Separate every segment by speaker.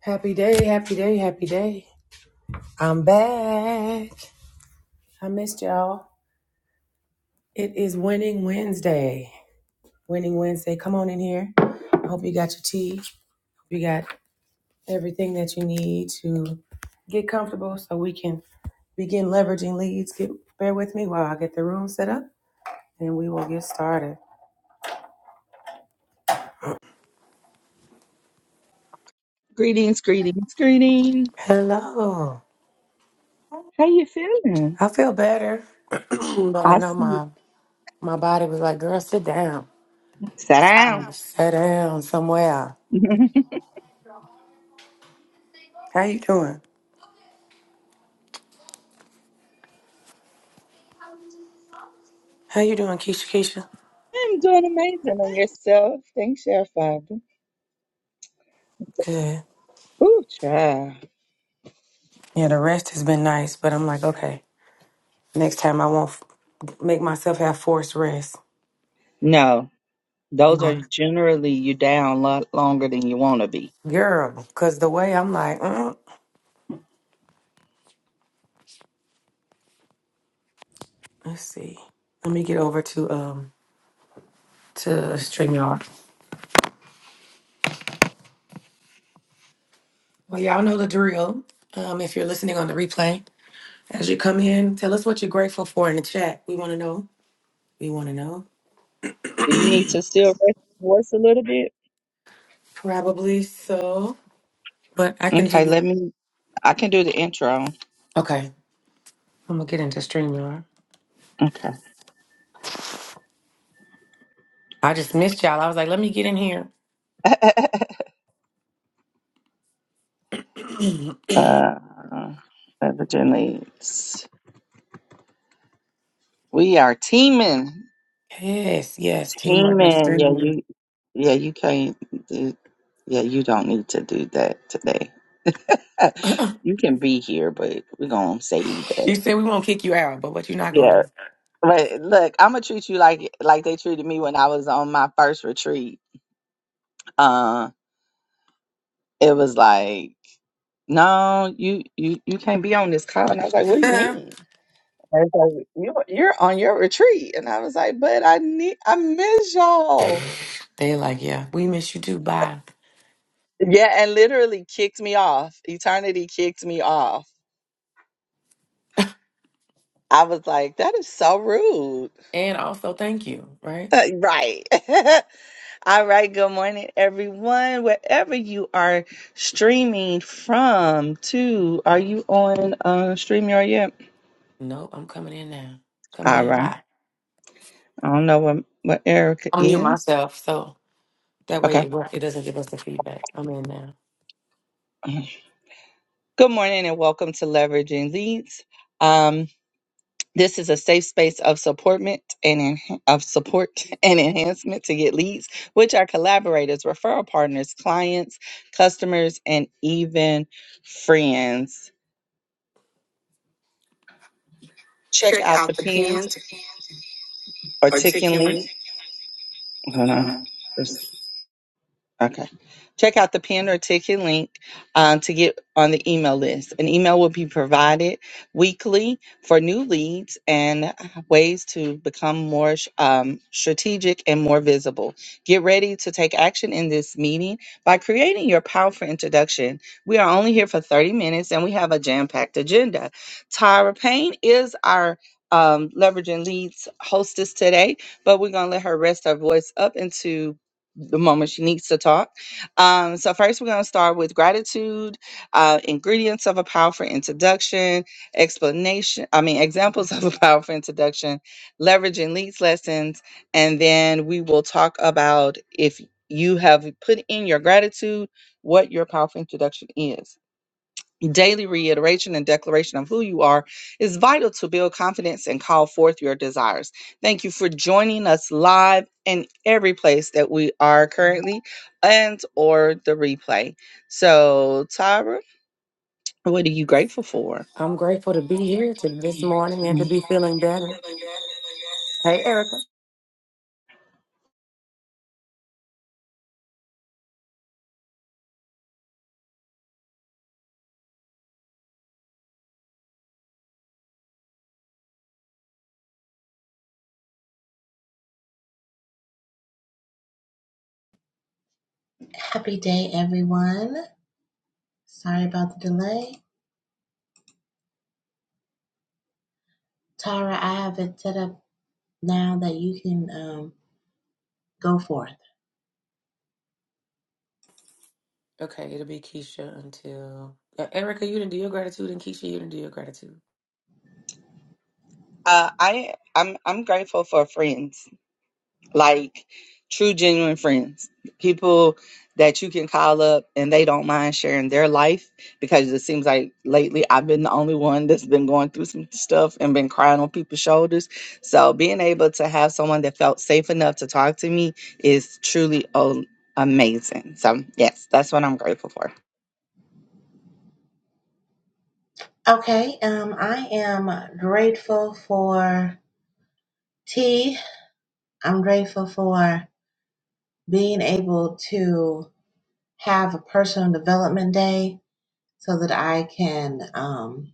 Speaker 1: Happy day, happy day, happy day. I'm back. I missed y'all. It is Winning Wednesday. Winning Wednesday. Come on in here. I hope you got your tea. You got everything that you need to get comfortable so we can begin leveraging leads. Get bear with me while I get the room set up and we will get started.
Speaker 2: Greetings, greetings, greetings.
Speaker 1: Hello.
Speaker 2: How you feeling?
Speaker 1: I feel better, but I know
Speaker 2: Awesome.
Speaker 1: my my body was like, girl, sit down.
Speaker 2: Sit down.
Speaker 1: Sit down somewhere.
Speaker 2: I'm
Speaker 1: How you doing? How you doing, Keisha? Keisha?
Speaker 2: doing amazing on yourself. Thanks, your father.
Speaker 1: Good.
Speaker 2: Ooh, child.
Speaker 1: Yeah, the rest has been nice, but I'm like, okay, next time I won't f- make myself have forced rest.
Speaker 2: No,
Speaker 1: You
Speaker 2: those are
Speaker 1: know,
Speaker 2: generally you down a lot longer than you want to be.
Speaker 1: girl, because the way I'm like, mm, let's see, let me get over to um to Streamyard. Well, y'all know the drill. Um, if you're listening on the replay, as you come in, tell us what you're grateful for in the chat. We want to know. We want to know.
Speaker 2: Do you need to still rest your voice a little bit?
Speaker 1: Probably so, but I can
Speaker 2: Okay,
Speaker 1: do.
Speaker 2: let me. I can do the intro.
Speaker 1: Okay, I'm gonna get into Streamyard.
Speaker 2: Okay.
Speaker 1: I just missed y'all. I was like, let me get in here.
Speaker 2: uh, evidently, it's- we are teaming.
Speaker 1: Yes, yes, teamwork makes the
Speaker 2: Teaming.
Speaker 1: dream
Speaker 2: Yeah, you.
Speaker 1: work.
Speaker 2: Yeah, you can't. do- Yeah, you don't need to do that today. you can be here, but we're gonna save that.
Speaker 1: You said we won't kick you out, but what you not gonna
Speaker 2: Yeah,
Speaker 1: do?
Speaker 2: but look, I'm gonna treat you like like they treated me when I was on my first retreat. Uh, it was like, no, you you you can't be on this call, and I was like, what do you mean? They was like, you you're on your retreat, and I was like, but I need I miss y'all.
Speaker 1: They're like, yeah, we miss you too. Bye.
Speaker 2: Yeah, and literally kicked me off. Eternity kicked me off I was like, that is so rude.
Speaker 1: And also, thank you. Right?
Speaker 2: right. All right. Good morning, everyone. Wherever you are streaming from, to are you on uh, StreamYard yet?
Speaker 1: Nope, I'm coming in now. Coming
Speaker 2: All
Speaker 1: in
Speaker 2: right.
Speaker 1: hot.
Speaker 2: I don't know what, what Erica
Speaker 1: I'm mute
Speaker 2: is.
Speaker 1: myself, so that way
Speaker 2: Okay.
Speaker 1: it, it doesn't give us the feedback. I'm in now.
Speaker 2: Good morning and welcome to Leveraging Leads. Um. This is a safe space of supportment and en- of support and enhancement to get leads, which are collaborators, referral partners, clients, customers, and even friends. Check
Speaker 1: Check
Speaker 2: out the
Speaker 1: out the
Speaker 2: pinned
Speaker 1: pins.
Speaker 2: or ticking link. Hold on. Okay. Check out the pin or ticket link um, to get on the email list. An email will be provided weekly for new leads and uh, ways to become more um, strategic and more visible. Get ready to take action in this meeting by creating your powerful introduction. We are only here for 30 minutes and we have a jam packed agenda. Tyra Payne is our um, leveraging leads hostess today, but we're going to let her rest her voice up into the moment she needs to talk. Um, so first, we're going to start with gratitude, uh, ingredients of a powerful introduction, explanation. I mean, examples of a powerful introduction, leveraging leads lessons, and then we will talk about if you have put in your gratitude, what your powerful introduction is. Daily reiteration and declaration of who you are is vital to build confidence and call forth your desires. Thank you for joining us live in every place that we are currently and or the replay. So, Tyra, what are you grateful for?
Speaker 1: I'm grateful to be here to this morning and to
Speaker 2: Mhm.
Speaker 1: be feeling better. Hey, Erica.
Speaker 3: Happy day, everyone. Sorry about the delay. Tara, I have it set up now that you can um, go forth.
Speaker 1: Okay, it'll be Keisha until uh, Erica. You didn't do your gratitude, and Keisha, you didn't do your gratitude.
Speaker 2: Uh, I I'm I'm grateful for friends. like true genuine friends people that you can call up and they don't mind sharing their life because it seems like lately i've been the only one that's been going through some stuff and been crying on people's shoulders so being able to have someone that felt safe enough to talk to me is truly um, amazing so yes that's what i'm grateful for
Speaker 3: Okay, um, I am grateful for tea. I'm grateful for being able to have a personal development day so that I can um,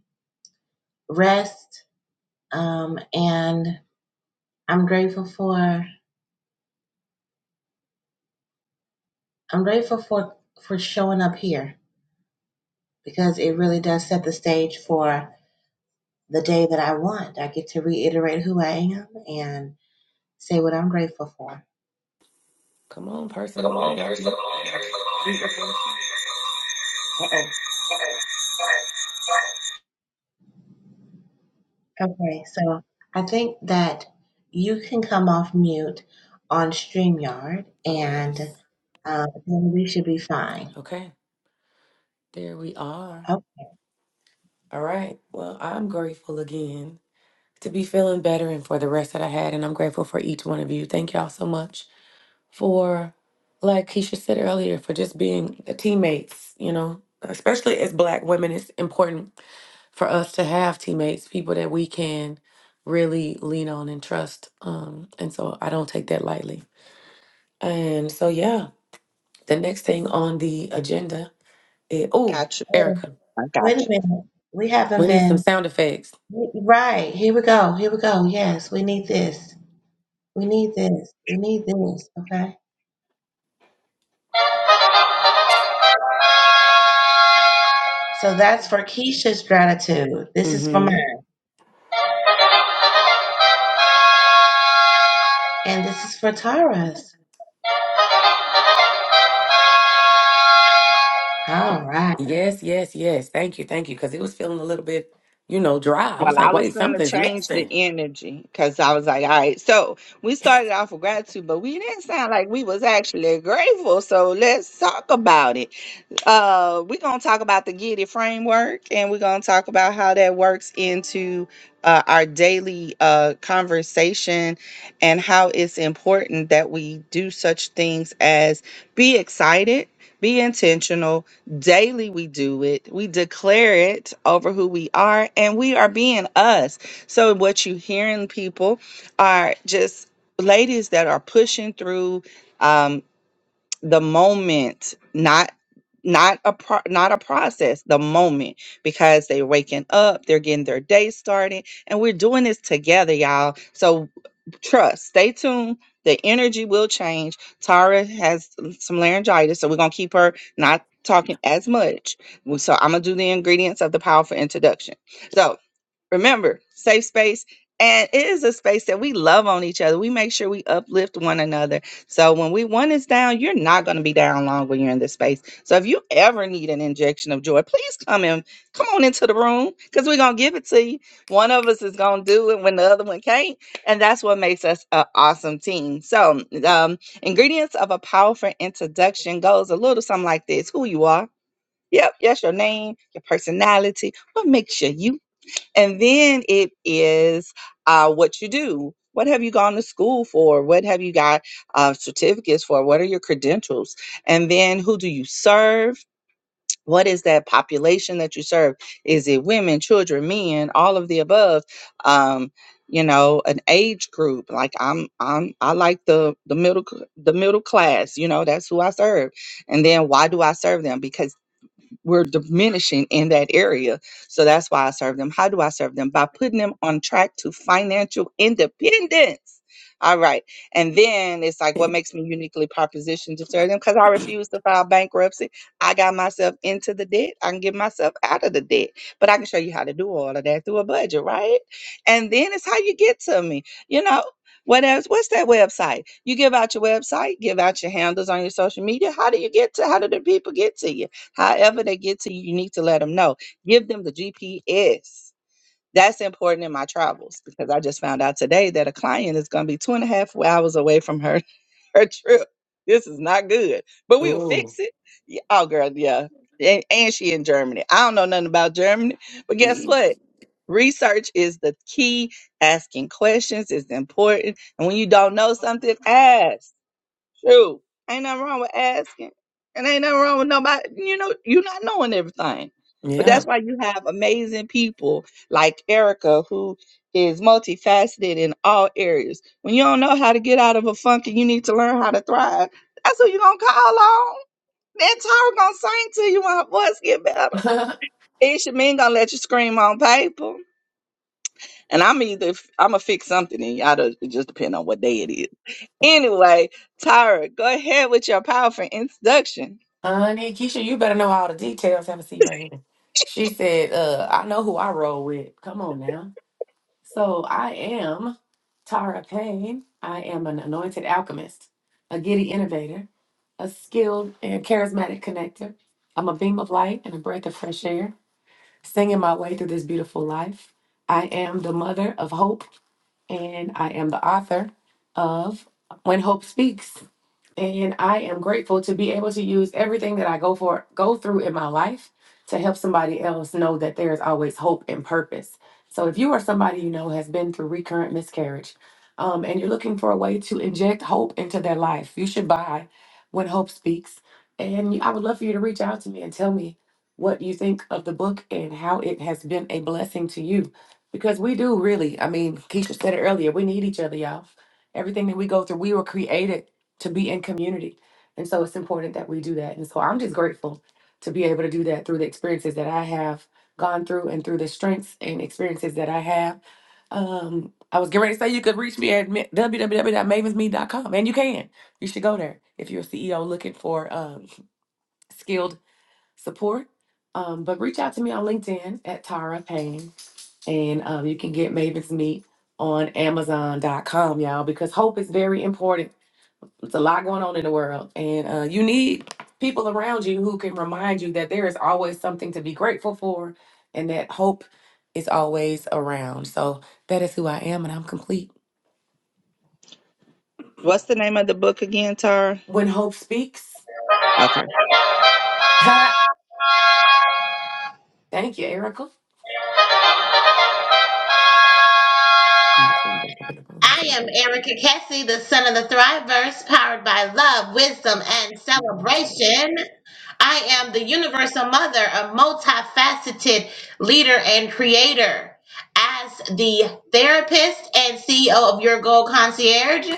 Speaker 3: rest. Um, and I'm grateful for I'm grateful for for showing up here because it really does set the stage for the day that I want. I get to reiterate who I am and say what I'm grateful for.
Speaker 1: Come on, person. Come on, person. Uh-oh.
Speaker 3: Okay, so I think that you can come off mute on StreamYard
Speaker 1: Oh,
Speaker 3: and
Speaker 1: yes.
Speaker 3: um, then we should be fine.
Speaker 1: Okay. There we are.
Speaker 3: Okay,
Speaker 1: All right. Well, I'm grateful again to be feeling better and for the rest that I had. And I'm grateful for each one of you. Thank y'all so much for, like Keisha said earlier, for just being the teammates, you know, especially as Black women, it's important for us to have teammates, people that we can really lean on and trust. Um, and so I don't take that lightly. And so, yeah. The next thing on the agenda is oh,
Speaker 2: got you
Speaker 1: Erica,
Speaker 2: i
Speaker 3: wait
Speaker 2: got
Speaker 3: a
Speaker 2: you
Speaker 3: minute. We haven't
Speaker 1: we need some
Speaker 3: been.
Speaker 1: sound effects.
Speaker 3: Right. Here we go. Here we go. Yes, we need this. We need this. We need this. Okay. So that's for Keisha's gratitude. This is for
Speaker 1: hmm
Speaker 3: mine. And this is for Tara's. All right.
Speaker 1: Yes, yes, yes. Thank you, thank you. Because it was feeling a little bit, you know, dry. I
Speaker 2: Well,
Speaker 1: was
Speaker 2: I
Speaker 1: like,
Speaker 2: was
Speaker 1: wait,
Speaker 2: going to
Speaker 1: something's
Speaker 2: change the
Speaker 1: missing.
Speaker 2: energy because I was like, all right, so we started off with gratitude, but we didn't sound like we was actually grateful. So let's talk about it uh we're going to talk about the get it framework and we're going to talk about how that works into uh, our daily uh, conversation and how it's important that we do such things as be excited be intentional daily we do it we declare it over who we are and we are being us so what you hearing people are just ladies that are pushing through Um, the moment not not a pro- not a process the moment because they waking up they're getting their day started and we're doing this together y'all so trust stay tuned the energy will change tara has some laryngitis so we're gonna keep her not talking as much so i'm gonna do the ingredients of the powerful introduction So, remember safe space and it is a space that we love on each other we make sure we uplift one another so when we one is down you're not going to be down long when you're in this space so if you ever need an injection of joy please come in come on into the room because we're going to give it to you one of us is going to do it when the other one can't and that's what makes us an awesome team so um, ingredients of a powerful introduction goes a little something like this who you are yep yes your name your personality what makes you you and then it is uh, what you do. What have you gone to school for? What have you got uh, certificates for? What are your credentials? And then who do you serve? What is that population that you serve? Is it women, children, men, all of the above? Um, you know, an age group. Like I'm, I'm, I like the the middle c- the middle class. You know, that's who I serve. And then why do I serve them? Because we're diminishing in that area. So that's why I serve them. How do I serve them? By putting them on track to financial independence. All right. And then it's like, what makes me uniquely propositioned to serve them? Because I refuse to file bankruptcy. I got myself into the debt. I can get myself out of the debt. But I can show you how to do all of that through a budget, right? And then it's how you get to me. You know, what else? What's that website? You give out your website, give out your handles on your social media. How do you get to? How do the people get to you? However, they get to you, you need to let them know. Give them the GPS. That's important in my travels because I just found out today that a client is going to be two and a half hours away from her her trip. This is not good, but we will fix
Speaker 1: oh,
Speaker 2: it. Yeah, oh, girl, yeah. And, and she in Germany. I don't know nothing about Germany, but guess what? Research is the key. Asking questions is important, and when you don't know something, ask. True. Ain't nothing wrong with asking. And ain't nothing wrong with nobody. You know, you're not knowing everything. But
Speaker 1: yeah.
Speaker 2: that's why you have amazing people like Erica, who is multifaceted in all areas. When you don't know how to get out of a funk and you need to learn how to thrive, that's who you're going to call on. That Tara going to sing to you when her voice get better. And Shamin going to let you scream on paper. And I'm either, I'm going to fix something in you. all It just depend on what day it is. Anyway, Tara, go ahead with your powerful introduction.
Speaker 1: Honey, Keisha, you better know all the details. Have a seat right here. She said, uh, I know who I roll with. Come on now. So I am Tara Payne. I am an anointed alchemist, a giddy innovator, a skilled and charismatic connector. I'm a beam of light and a breath of fresh air, singing my way through this beautiful life. I am the mother of hope, and I am the author of When Hope Speaks. And I am grateful to be able to use everything that I go for go through in my life to help somebody else know that there is always hope and purpose. So if you are somebody you know has been through recurrent miscarriage, um, and you're looking for a way to inject hope into their life, you should buy When Hope Speaks. And you- I would love for you to reach out to me and tell me what you think of the book and how it has been a blessing to you. Because we do really, I mean, Keisha said it earlier, we need each other, y'all. Everything that we go through, we were created to be in community. And so it's important that we do that. And so I'm just grateful to be able to do that through the experiences that I have gone through and through the strengths and experiences that I have. Um, I was getting ready to say you could reach me at ma- www.mavensme.com, and you can. You should go there if you're a CEO looking for um, skilled support. Um, but reach out to me on LinkedIn at Tara Payne, and um, you can get Maven's Meet on Amazon.com, y'all, because hope is very important it's a lot going on in the world, and uh, you need people around you who can remind you that there is always something to be grateful for, and that hope is always around. So that is who I am, and I'm complete.
Speaker 2: What's the name of the book again, Tara?
Speaker 1: When hope speaks,
Speaker 2: Okay.
Speaker 1: thank you, Erica.
Speaker 3: I am Erica Cassie, the son of the Thriveverse, powered by love, wisdom, and celebration. I am the universal mother, a multifaceted leader and creator. As the therapist and CEO of Your Goal Concierge,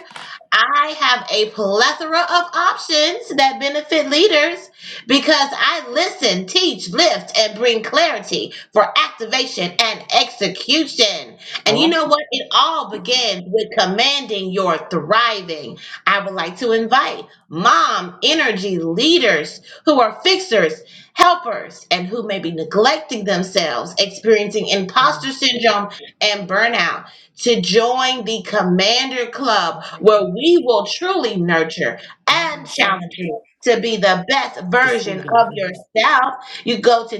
Speaker 3: I have a plethora of options that benefit leaders because I listen, teach, lift, and bring clarity for activation and execution.
Speaker 1: All
Speaker 3: And you
Speaker 1: right.
Speaker 3: know what? It all begins with commanding your thriving. I would like to invite mom energy leaders who are fixers, helpers, and who may be neglecting themselves, experiencing imposter syndrome and burnout, to join the Commander Club,
Speaker 1: Right
Speaker 3: where we
Speaker 1: now.
Speaker 3: will truly nurture
Speaker 1: Remember
Speaker 3: and
Speaker 1: the snare?
Speaker 3: challenge you to be the best
Speaker 1: The
Speaker 3: version
Speaker 1: school y'all
Speaker 3: of
Speaker 1: had a verse?
Speaker 3: yourself. You go to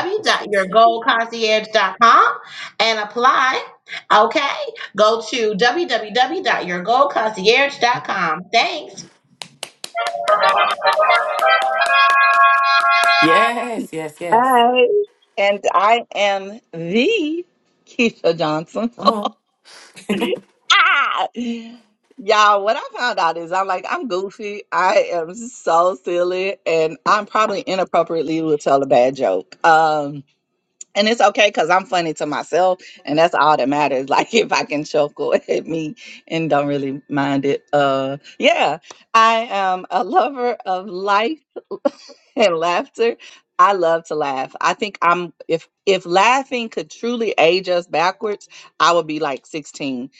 Speaker 1: At the school
Speaker 3: and apply. Okay, go to
Speaker 1: Okay.
Speaker 3: www.yourgoalconcierge.com. Thanks.
Speaker 1: Yes, yes, yes.
Speaker 2: Hi. And I am the Keisha Johnson.
Speaker 1: Come on.
Speaker 2: Ah, Y'all, what I found out is I'm like, I'm goofy. I am so silly. And I'm probably inappropriately will tell a bad joke. Um, And it's okay because I'm funny to myself, and that's all that matters. Like if I can chuckle at me and don't really mind it. Uh yeah. I am a lover of life. and laughter. I love to laugh. I think I'm if if laughing could truly age us backwards, I would be like 16.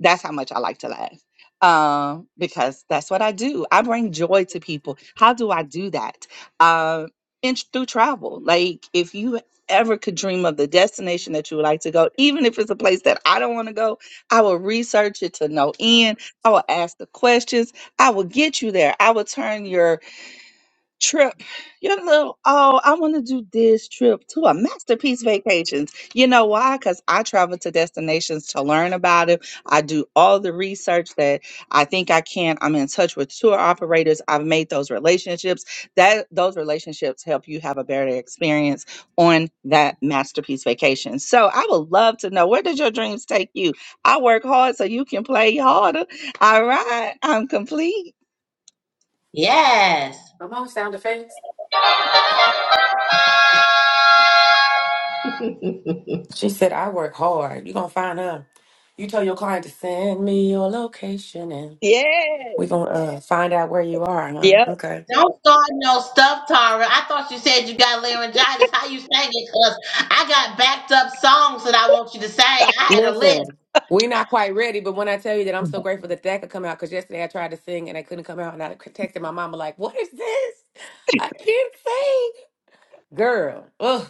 Speaker 2: That's how much I like to laugh. Um, because that's what I do. I bring joy to people. How do I do that? Um, in through travel. Like if you ever could dream of the destination that you would like to go, even if it's a place that I don't want to go, I will research it to no end. I will ask the questions. I will get you there. I will turn your trip your little oh i want to do this trip to a masterpiece vacations you know why because i travel to destinations to learn about it i do all the research that i think i can i'm in touch with tour operators i've made those relationships that those relationships help you have a better experience on that masterpiece vacation so i would love to know where did your dreams take you i work hard so you can play harder all right i'm complete
Speaker 3: Yes.
Speaker 1: Come on, sound effects. She said, I work hard. you going to find her. You tell your client to send me your location and
Speaker 2: yeah
Speaker 1: we going to uh, find out where you are, huh?
Speaker 2: yep
Speaker 1: Okay.
Speaker 3: Don't start no stuff, Tara. I thought you said you got laryngitis. How you sang it? Cause I got backed up songs that I want you to sing. I had a list.
Speaker 1: Listen, we not quite ready, but when I tell you that I'm so grateful that that could come out, because yesterday I tried to sing and I couldn't come out, and I texted my mama, like, what is this? I can't sing. Girl. Ugh.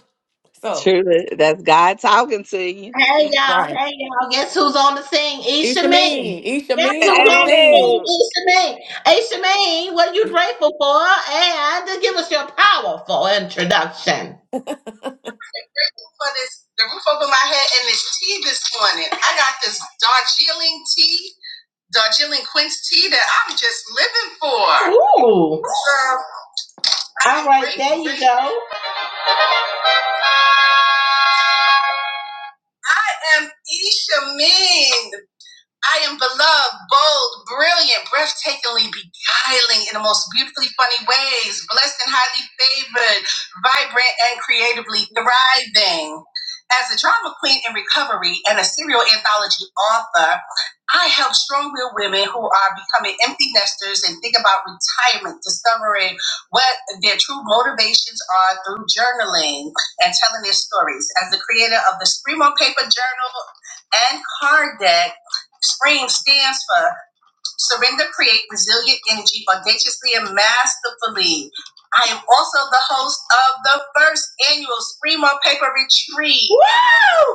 Speaker 1: So,
Speaker 2: Truly, that's God talking to you.
Speaker 3: Hey y'all,
Speaker 1: right.
Speaker 3: hey y'all. Guess who's on the scene? Isha
Speaker 1: Isha
Speaker 3: Mee.
Speaker 1: Mean. Isha
Speaker 3: Guess
Speaker 1: Mean
Speaker 3: who's
Speaker 1: on the
Speaker 3: on the
Speaker 2: Hey,
Speaker 1: scene.
Speaker 3: scene? Isha Mee. Isha Mee, what are you
Speaker 1: You-
Speaker 3: grateful for? And give us your powerful introduction. for this the roof over my head and this tea this morning. I got this Darjeeling tea, Darjeeling quince tea that I'm just living for. Ooh. Girl, All right, there you go. I am Isha Ming. I am beloved, bold, brilliant, breathtakingly beguiling in the most beautifully funny ways, blessed and highly favored, vibrant and creatively thriving. As a drama queen in recovery and a serial anthology author, I help strong willed women who are becoming empty nesters and think about retirement, discovering what their true motivations are through journaling and telling their stories. As the creator of the Scream on Paper Journal and Card Deck, Scream stands for Surrender, Create Resilient Energy, Audaciously and Masterfully. I am also the host of the first annual Scream on Paper Retreat. Woo!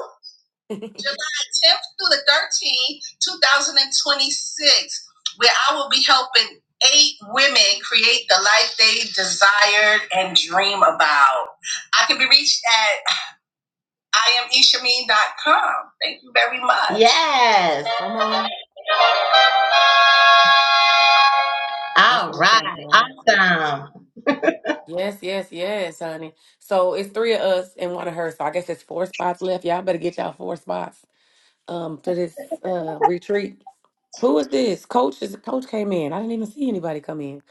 Speaker 3: July 10th through the 13th, 2026, where I will be helping eight women create the life they desired and dream about. I can be reached at I am Ishameen dot com. Thank you very much. Yes.
Speaker 1: Come on. That's
Speaker 3: All
Speaker 1: what I'm
Speaker 3: right.
Speaker 1: talking about.
Speaker 3: Awesome.
Speaker 1: Yes, yes, yes, honey. So it's three of us and one of her. So I guess it's four spots left. Y'all better get y'all four spots um for this uh retreat. Who is this? Coach is coach came in. I didn't even see anybody come in.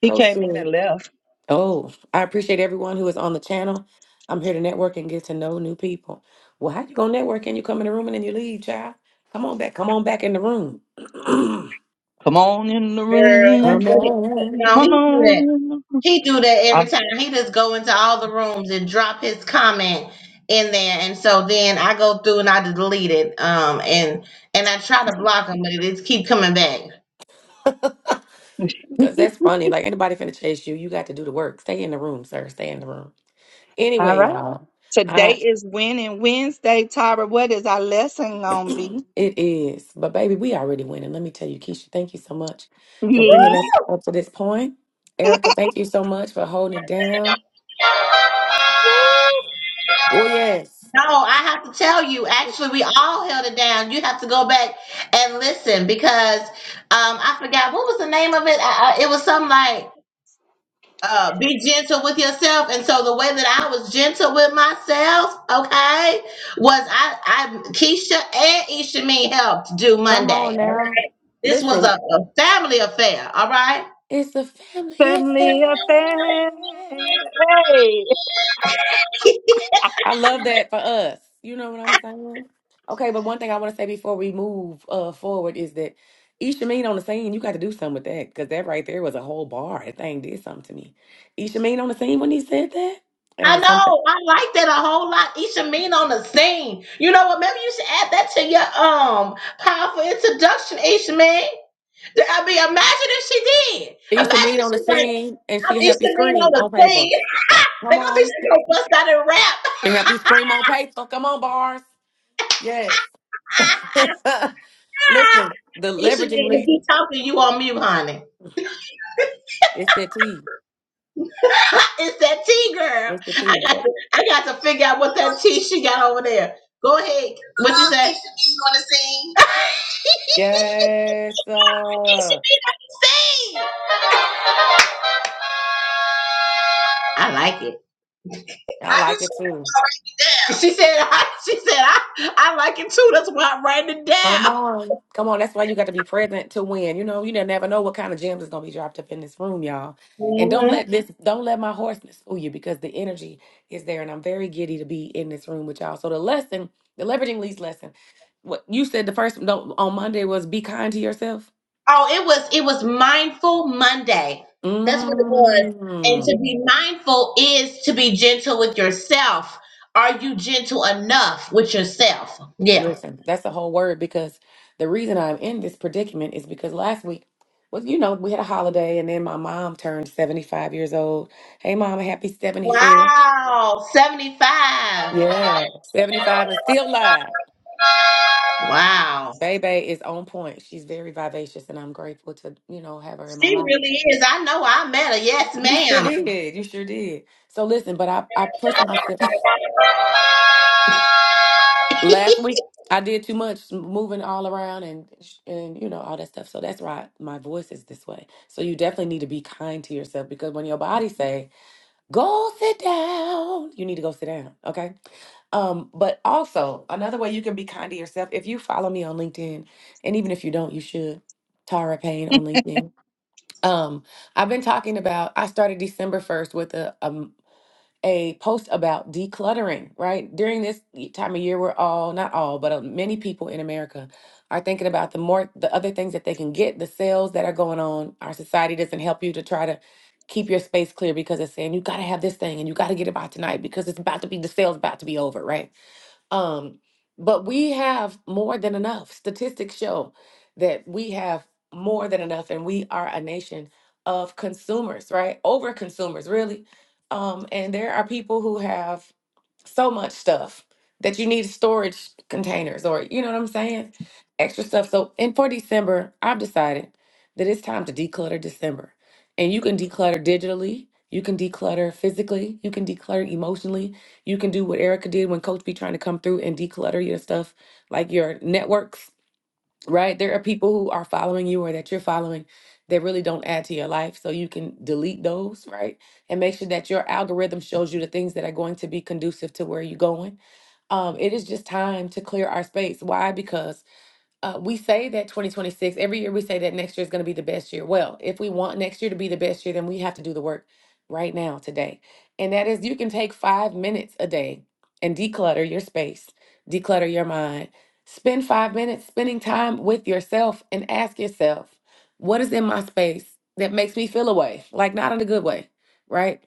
Speaker 2: he
Speaker 1: Coach
Speaker 2: came in
Speaker 1: said
Speaker 2: and left.
Speaker 1: Oh, I appreciate everyone who is on the channel. I'm here to network and get to know new people. Well, how you gonna network and you come in the room and then you leave, child? Come on back. Come on back in the room.
Speaker 2: Come on in the
Speaker 3: Girl,
Speaker 2: room.
Speaker 3: that's
Speaker 1: come
Speaker 3: what he,
Speaker 1: on.
Speaker 3: no, he
Speaker 2: Come
Speaker 3: do
Speaker 2: on.
Speaker 3: that.
Speaker 2: In the- room.
Speaker 3: He do that every time. He just go into all the rooms and drop his comment in there, and so then I go through and I delete it. Um, and and I try to block him, but it just keep coming back.
Speaker 1: Cause
Speaker 2: Uh,
Speaker 1: that's funny. Like anybody finna chase you, you got to do the work. Stay in the room, sir. Stay in the room.
Speaker 2: All
Speaker 1: Anyway,
Speaker 2: right.
Speaker 1: y'all.
Speaker 2: Today
Speaker 1: I
Speaker 2: is Winning Wednesday, Tara. What is our lesson gonna be?
Speaker 1: it is. But baby, we already winning. Let me tell you, Keisha, thank you so much for bringing
Speaker 2: Yeah,
Speaker 1: us up to this point. Erica, thank you so much for holding it down. Woo! Oh yes.
Speaker 3: No, I have to tell you, actually, we all held it down. You have to go back and listen because um, I forgot what was the name of it. I, I, it was something like uh, be gentle with yourself. And so the way that I was gentle with myself, okay, was I, I Keisha and Isha Mean helped do
Speaker 1: Come on
Speaker 3: Monday.
Speaker 1: now.
Speaker 3: This was
Speaker 1: Listen,
Speaker 3: a, a family affair, all right?
Speaker 1: it's a family affair.
Speaker 2: family affair. Hey.
Speaker 1: I love that for us. You know what I'm saying? Okay, but one thing I want to say before we move uh, forward is that Ishameen on the scene, you got to do something with that because that right there was a whole bar. That thing did something to me. Ishameen on the scene when he said that, that on
Speaker 3: I
Speaker 1: the something.
Speaker 3: know, I like that a whole lot. Isha Mean on the scene. You know what? Maybe you should add that to your um powerful introduction, Isha Mean. I mean, imagine if she did. Imagine
Speaker 1: Ishameen
Speaker 3: if
Speaker 1: on the
Speaker 3: she's like,
Speaker 1: scene, and
Speaker 3: I'm
Speaker 1: she help you
Speaker 3: Isha Mean on
Speaker 1: scream
Speaker 3: the
Speaker 1: on paper.
Speaker 3: scene.
Speaker 1: Come
Speaker 3: They're gonna think
Speaker 1: on,
Speaker 3: she's gonna bust out and rap.
Speaker 1: she help you scream on paper. Come on, bars. Yes. Listen, the leveraging
Speaker 3: Ishamine, if
Speaker 1: lead
Speaker 3: he talking, you on mute, honey.
Speaker 1: is the T.
Speaker 3: it's that tea, girl.
Speaker 1: It's the T.
Speaker 3: I got
Speaker 1: What?
Speaker 3: to, I got to figure out what that tea she got over there. Go ahead. What you say? Ishamine, you want to sing?
Speaker 1: Yes, sir.
Speaker 3: Ishamine, I can sing. I like it.
Speaker 1: I
Speaker 3: I do
Speaker 1: like it
Speaker 3: too. That's
Speaker 1: too.
Speaker 3: why I write it down. She said, I, she said, I, I like it too. That's why I'm writing it
Speaker 1: Come
Speaker 3: down.
Speaker 1: on. Come on. That's why you got to be present to win. You know, you ne- never know what kind of gems is gonna be dropped up in this room, y'all. And don't let this don't let my hoarseness fool you because the energy is there and I'm very giddy to be in this room with y'all. So the lesson, the leveraging leads lesson. What you said the first no, on Monday was be kind to yourself.
Speaker 3: Oh, it was it was mindful Monday. That's what it was. And
Speaker 1: Mm.
Speaker 3: to be mindful is to be gentle with yourself. Are you gentle enough with yourself? Yeah.
Speaker 1: Listen, that's the whole word because the reason I'm in this predicament is because last week was, you know, we had a holiday and then my mom turned 75 years old. Hey, mom, happy 75th.
Speaker 3: Wow. 75.
Speaker 1: Yeah, 75 and still live.
Speaker 3: Wow.
Speaker 1: Bebe is on point. She's very vivacious and I'm grateful to, you know, have her in my
Speaker 3: She
Speaker 1: life.
Speaker 3: really is. I know I met her. Yes,
Speaker 1: You sure
Speaker 3: ma'am.
Speaker 1: did. You sure did. So listen, but I, I pushed myself. Last week I did too much moving all around and and you know all that stuff. So that's why my voice is this way. So you definitely need to be kind to yourself because when your body say go sit down, you need to go sit down. Okay. Um, but also another way you can be kind to yourself if you follow me on LinkedIn, and even if you don't, you should. Tara Payne on LinkedIn. Um, I've been talking about. I started December first with a, a a post about decluttering, right? During this y- time of year, we're all, not all, but uh, many people in America are thinking about the more, the other things that they can get, the sales that are going on. Our society doesn't help you to try to keep your space clear because it's saying you got to have this thing and you got to get it by tonight because it's about to be, the sale's about to be over, right? Um, but we have more than enough. Statistics show that we have more than enough, and we are a nation of consumers, right? Over consumers, really. Um, and there are people who have so much stuff that you need storage containers or you know what I'm saying? Extra stuff. So and for December, I've decided that it's time to declutter December. And you can declutter digitally, you can declutter physically, you can declutter emotionally, you can do what Erica did when Coach be trying to come through and declutter your stuff, like your networks right? There are people who are following you or that you're following that really don't add to your life. So you can delete those, right? And make sure that your algorithm shows you the things that are going to be conducive to where you're going. Um, it is just time to clear our space. Why? Because uh, we say that 2026 every year we say that next year is going to be the best year well if we want next year to be the best year then we have to do the work right now today and that is you can take five minutes a day and declutter your space declutter your mind spend five minutes spending time with yourself and ask yourself what is in my space that makes me feel away like not in a good way right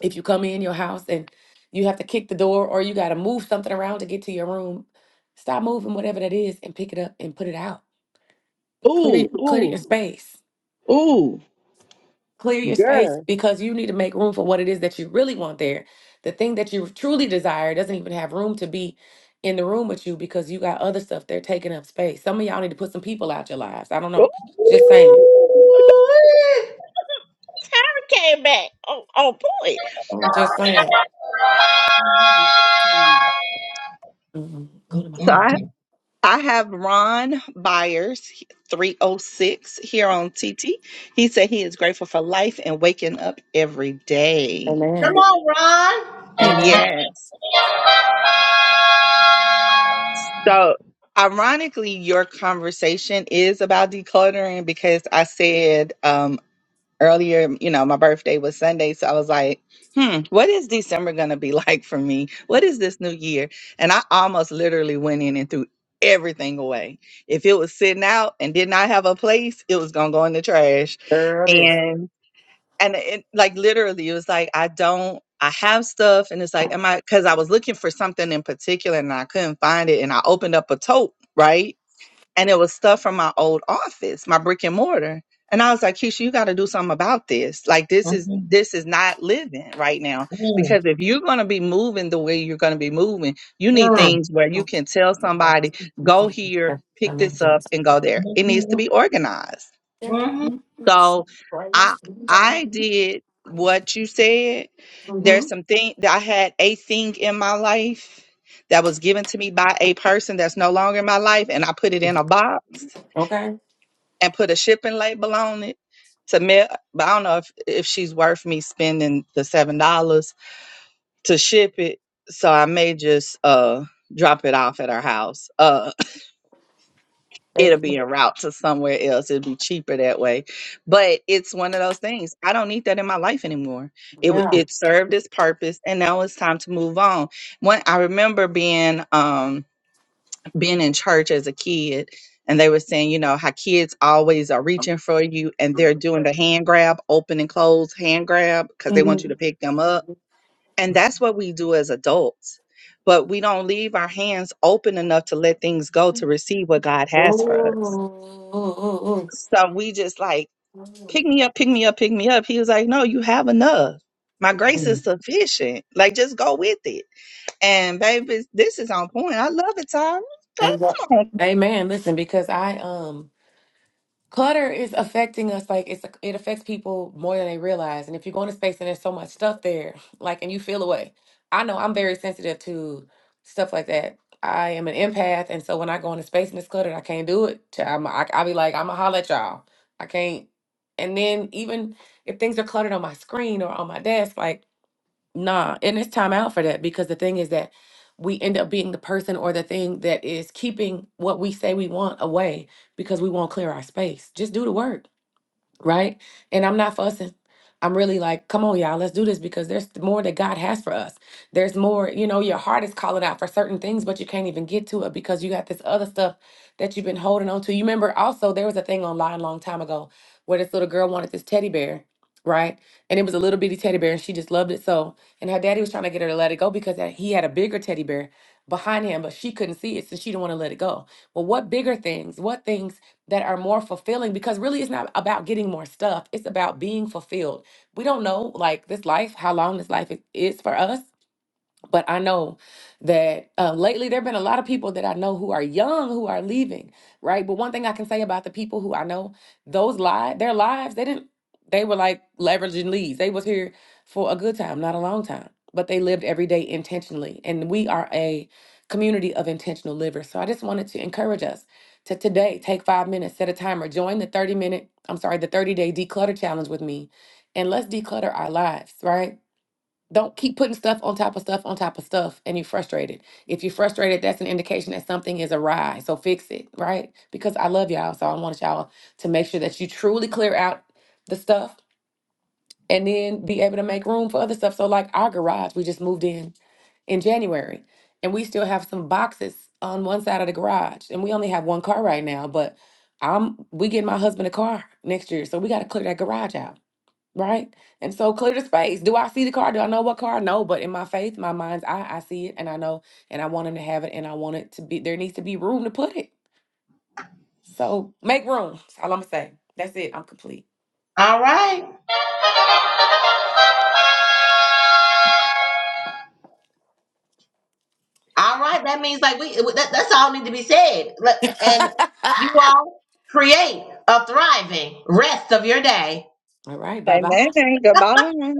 Speaker 1: if you come in your house and you have to kick the door or you got to move something around to get to your room, stop moving whatever that is and pick it up and put it out.
Speaker 2: Ooh,
Speaker 1: Clear clear your
Speaker 2: ooh,
Speaker 1: space.
Speaker 2: ooh,
Speaker 1: Clear your space
Speaker 2: girl.
Speaker 1: because you need to make room for what it is that you really want there. The thing that you truly desire doesn't even have room to be in the room with you because you got other stuff there taking up space. Some of y'all need to put some people out your lives. I don't
Speaker 2: Ooh,
Speaker 1: know. Just saying.
Speaker 3: Ooh-wee.
Speaker 2: Tara came back. Oh, on point.
Speaker 1: Just saying. Mhm. Go to my
Speaker 2: So
Speaker 3: Mm.
Speaker 2: I.
Speaker 1: room.
Speaker 2: I have Ron Byers, 306, here on TT. He said he is grateful for life and waking up every day.
Speaker 3: Come
Speaker 1: Amen.
Speaker 3: on, Ron.
Speaker 1: Amen.
Speaker 2: Yes. So, ironically, your conversation is about decluttering because I said um, earlier, you know, my birthday was Sunday. So I was like, hmm, what is December going to be like for me? What is this new year? And I almost literally went in and threw everything away. If it was sitting out and did not have a place, it was going to go in the trash.
Speaker 1: Girl, this.
Speaker 2: And, and it, like literally, it was like, I don't. I have stuff and it's like, am I, cause I was looking for something in particular and I couldn't find it. And I opened up a tote, right? and it was stuff from my old office, my brick and mortar. And I was like, Keisha, you got to do something about this. Like this is
Speaker 3: Mhm.
Speaker 2: this is not living right now
Speaker 3: Mm.
Speaker 2: because if you're going to be moving the way you're going to be moving, you need
Speaker 3: Mm.
Speaker 2: things where you can tell somebody, go here, pick this up and go there. It needs to
Speaker 3: Mm-hmm.
Speaker 2: be organized.
Speaker 3: All
Speaker 2: So I I
Speaker 1: Mm-hmm.
Speaker 2: did what you said. There's some thing that I had a thing in my life that was given to me by a person that's no longer in my life and I put it in a box
Speaker 1: Okay.
Speaker 2: and put a shipping label on it to me but I don't know if, if she's worth me spending the seven dollars to ship it. So I may just uh drop it off at her house. Uh it'll
Speaker 1: They,
Speaker 2: be en route to somewhere else. It'll be cheaper that way. But it's one of those things. I don't need that in my life anymore. It wa-
Speaker 1: yeah.
Speaker 2: it served its purpose and now it's time to move on. When I remember being um being in church as a kid and they were saying, you know, how kids always are reaching for you and they're doing the hand grab, open and close hand grab because they want you
Speaker 1: Mm-hmm.
Speaker 2: to pick them up. And that's what we do as adults. But we don't leave our hands open enough to let things go to receive what God has for us.
Speaker 1: Ooh.
Speaker 2: So we just like, pick me up, pick me up, pick me up. He was like, no, you have enough. My grace is sufficient. Like, just go with it. And baby, this is on point. I love it, Tyra.
Speaker 1: Amen.
Speaker 2: Come
Speaker 1: Amen. Listen, because I um clutter is affecting us like it's it affects people more than they realize and if you go into space and there's so much stuff there like and you feel away i know i'm very sensitive to stuff like that i am an empath and so when i go into space and it's cluttered i can't do it Ch- I'm, I, i'll be like i'm gonna holler at y'all i can't and then even if things are cluttered on my screen or on my desk like Nah, and it's time out for that because the thing is that we end up being the person or the thing that is keeping what we say we want away because we won't clear our space. Just do the work right? And I'm not fussing. I'm really like, come on, y'all, let's do this because there's more that God has for us. There's more, you know, your heart is calling out for certain things, but you can't even get to it because you got this other stuff that you've been holding on to. You remember also there was a thing online a long time ago where this little girl wanted this teddy bear, right? And it was a little bitty teddy bear and she just loved it so. And her daddy was trying to get her to let it go because that- he had a bigger teddy bear behind him, but she couldn't see it, so she didn't want to let it go. Well, what bigger things, what things that are more fulfilling because really it's not about getting more stuff. It's about being fulfilled. We don't know, like, this life, how long this life i- is for us but I know that uh, lately there have been a lot of people that I know who are young who are leaving, right? But one thing I can say about the people who I know, those lives, their lives, they didn't, they were like leveraging leads. They was here for a good time, not a long time, but they lived every day intentionally. And we are a community of intentional livers. So I just wanted to encourage us to today take five minutes, set a timer, join the 30 minute, I'm sorry, the 30 day declutter challenge with me, and let's declutter our lives, right? Don't keep putting stuff on top of stuff on top of stuff and you're frustrated. If you're frustrated, that's an indication that something is awry. So fix it, right? Because I love y'all. So I want y'all to make sure that you truly clear out the stuff and then be able to make room for other stuff. So, like our garage, we just moved in in January and we still have some boxes on one side of the garage. And we only have one car right now, but I'm we get my husband a car next year. So we got to clear that garage out. Right. And so clear the space. Do I see the car? Do I know what car? No, but in my faith, my mind's eye, I see it and I know and I want him to have it and I want it to be there needs to be room to put it. So make room. That's all I'm gonna say. That's it. I'm complete.
Speaker 3: right. All right. That means like we that, that's all need to be said. Let- And you all create a thriving rest of your day.
Speaker 1: all right, bye
Speaker 2: Amen.
Speaker 1: bye.
Speaker 2: Goodbye.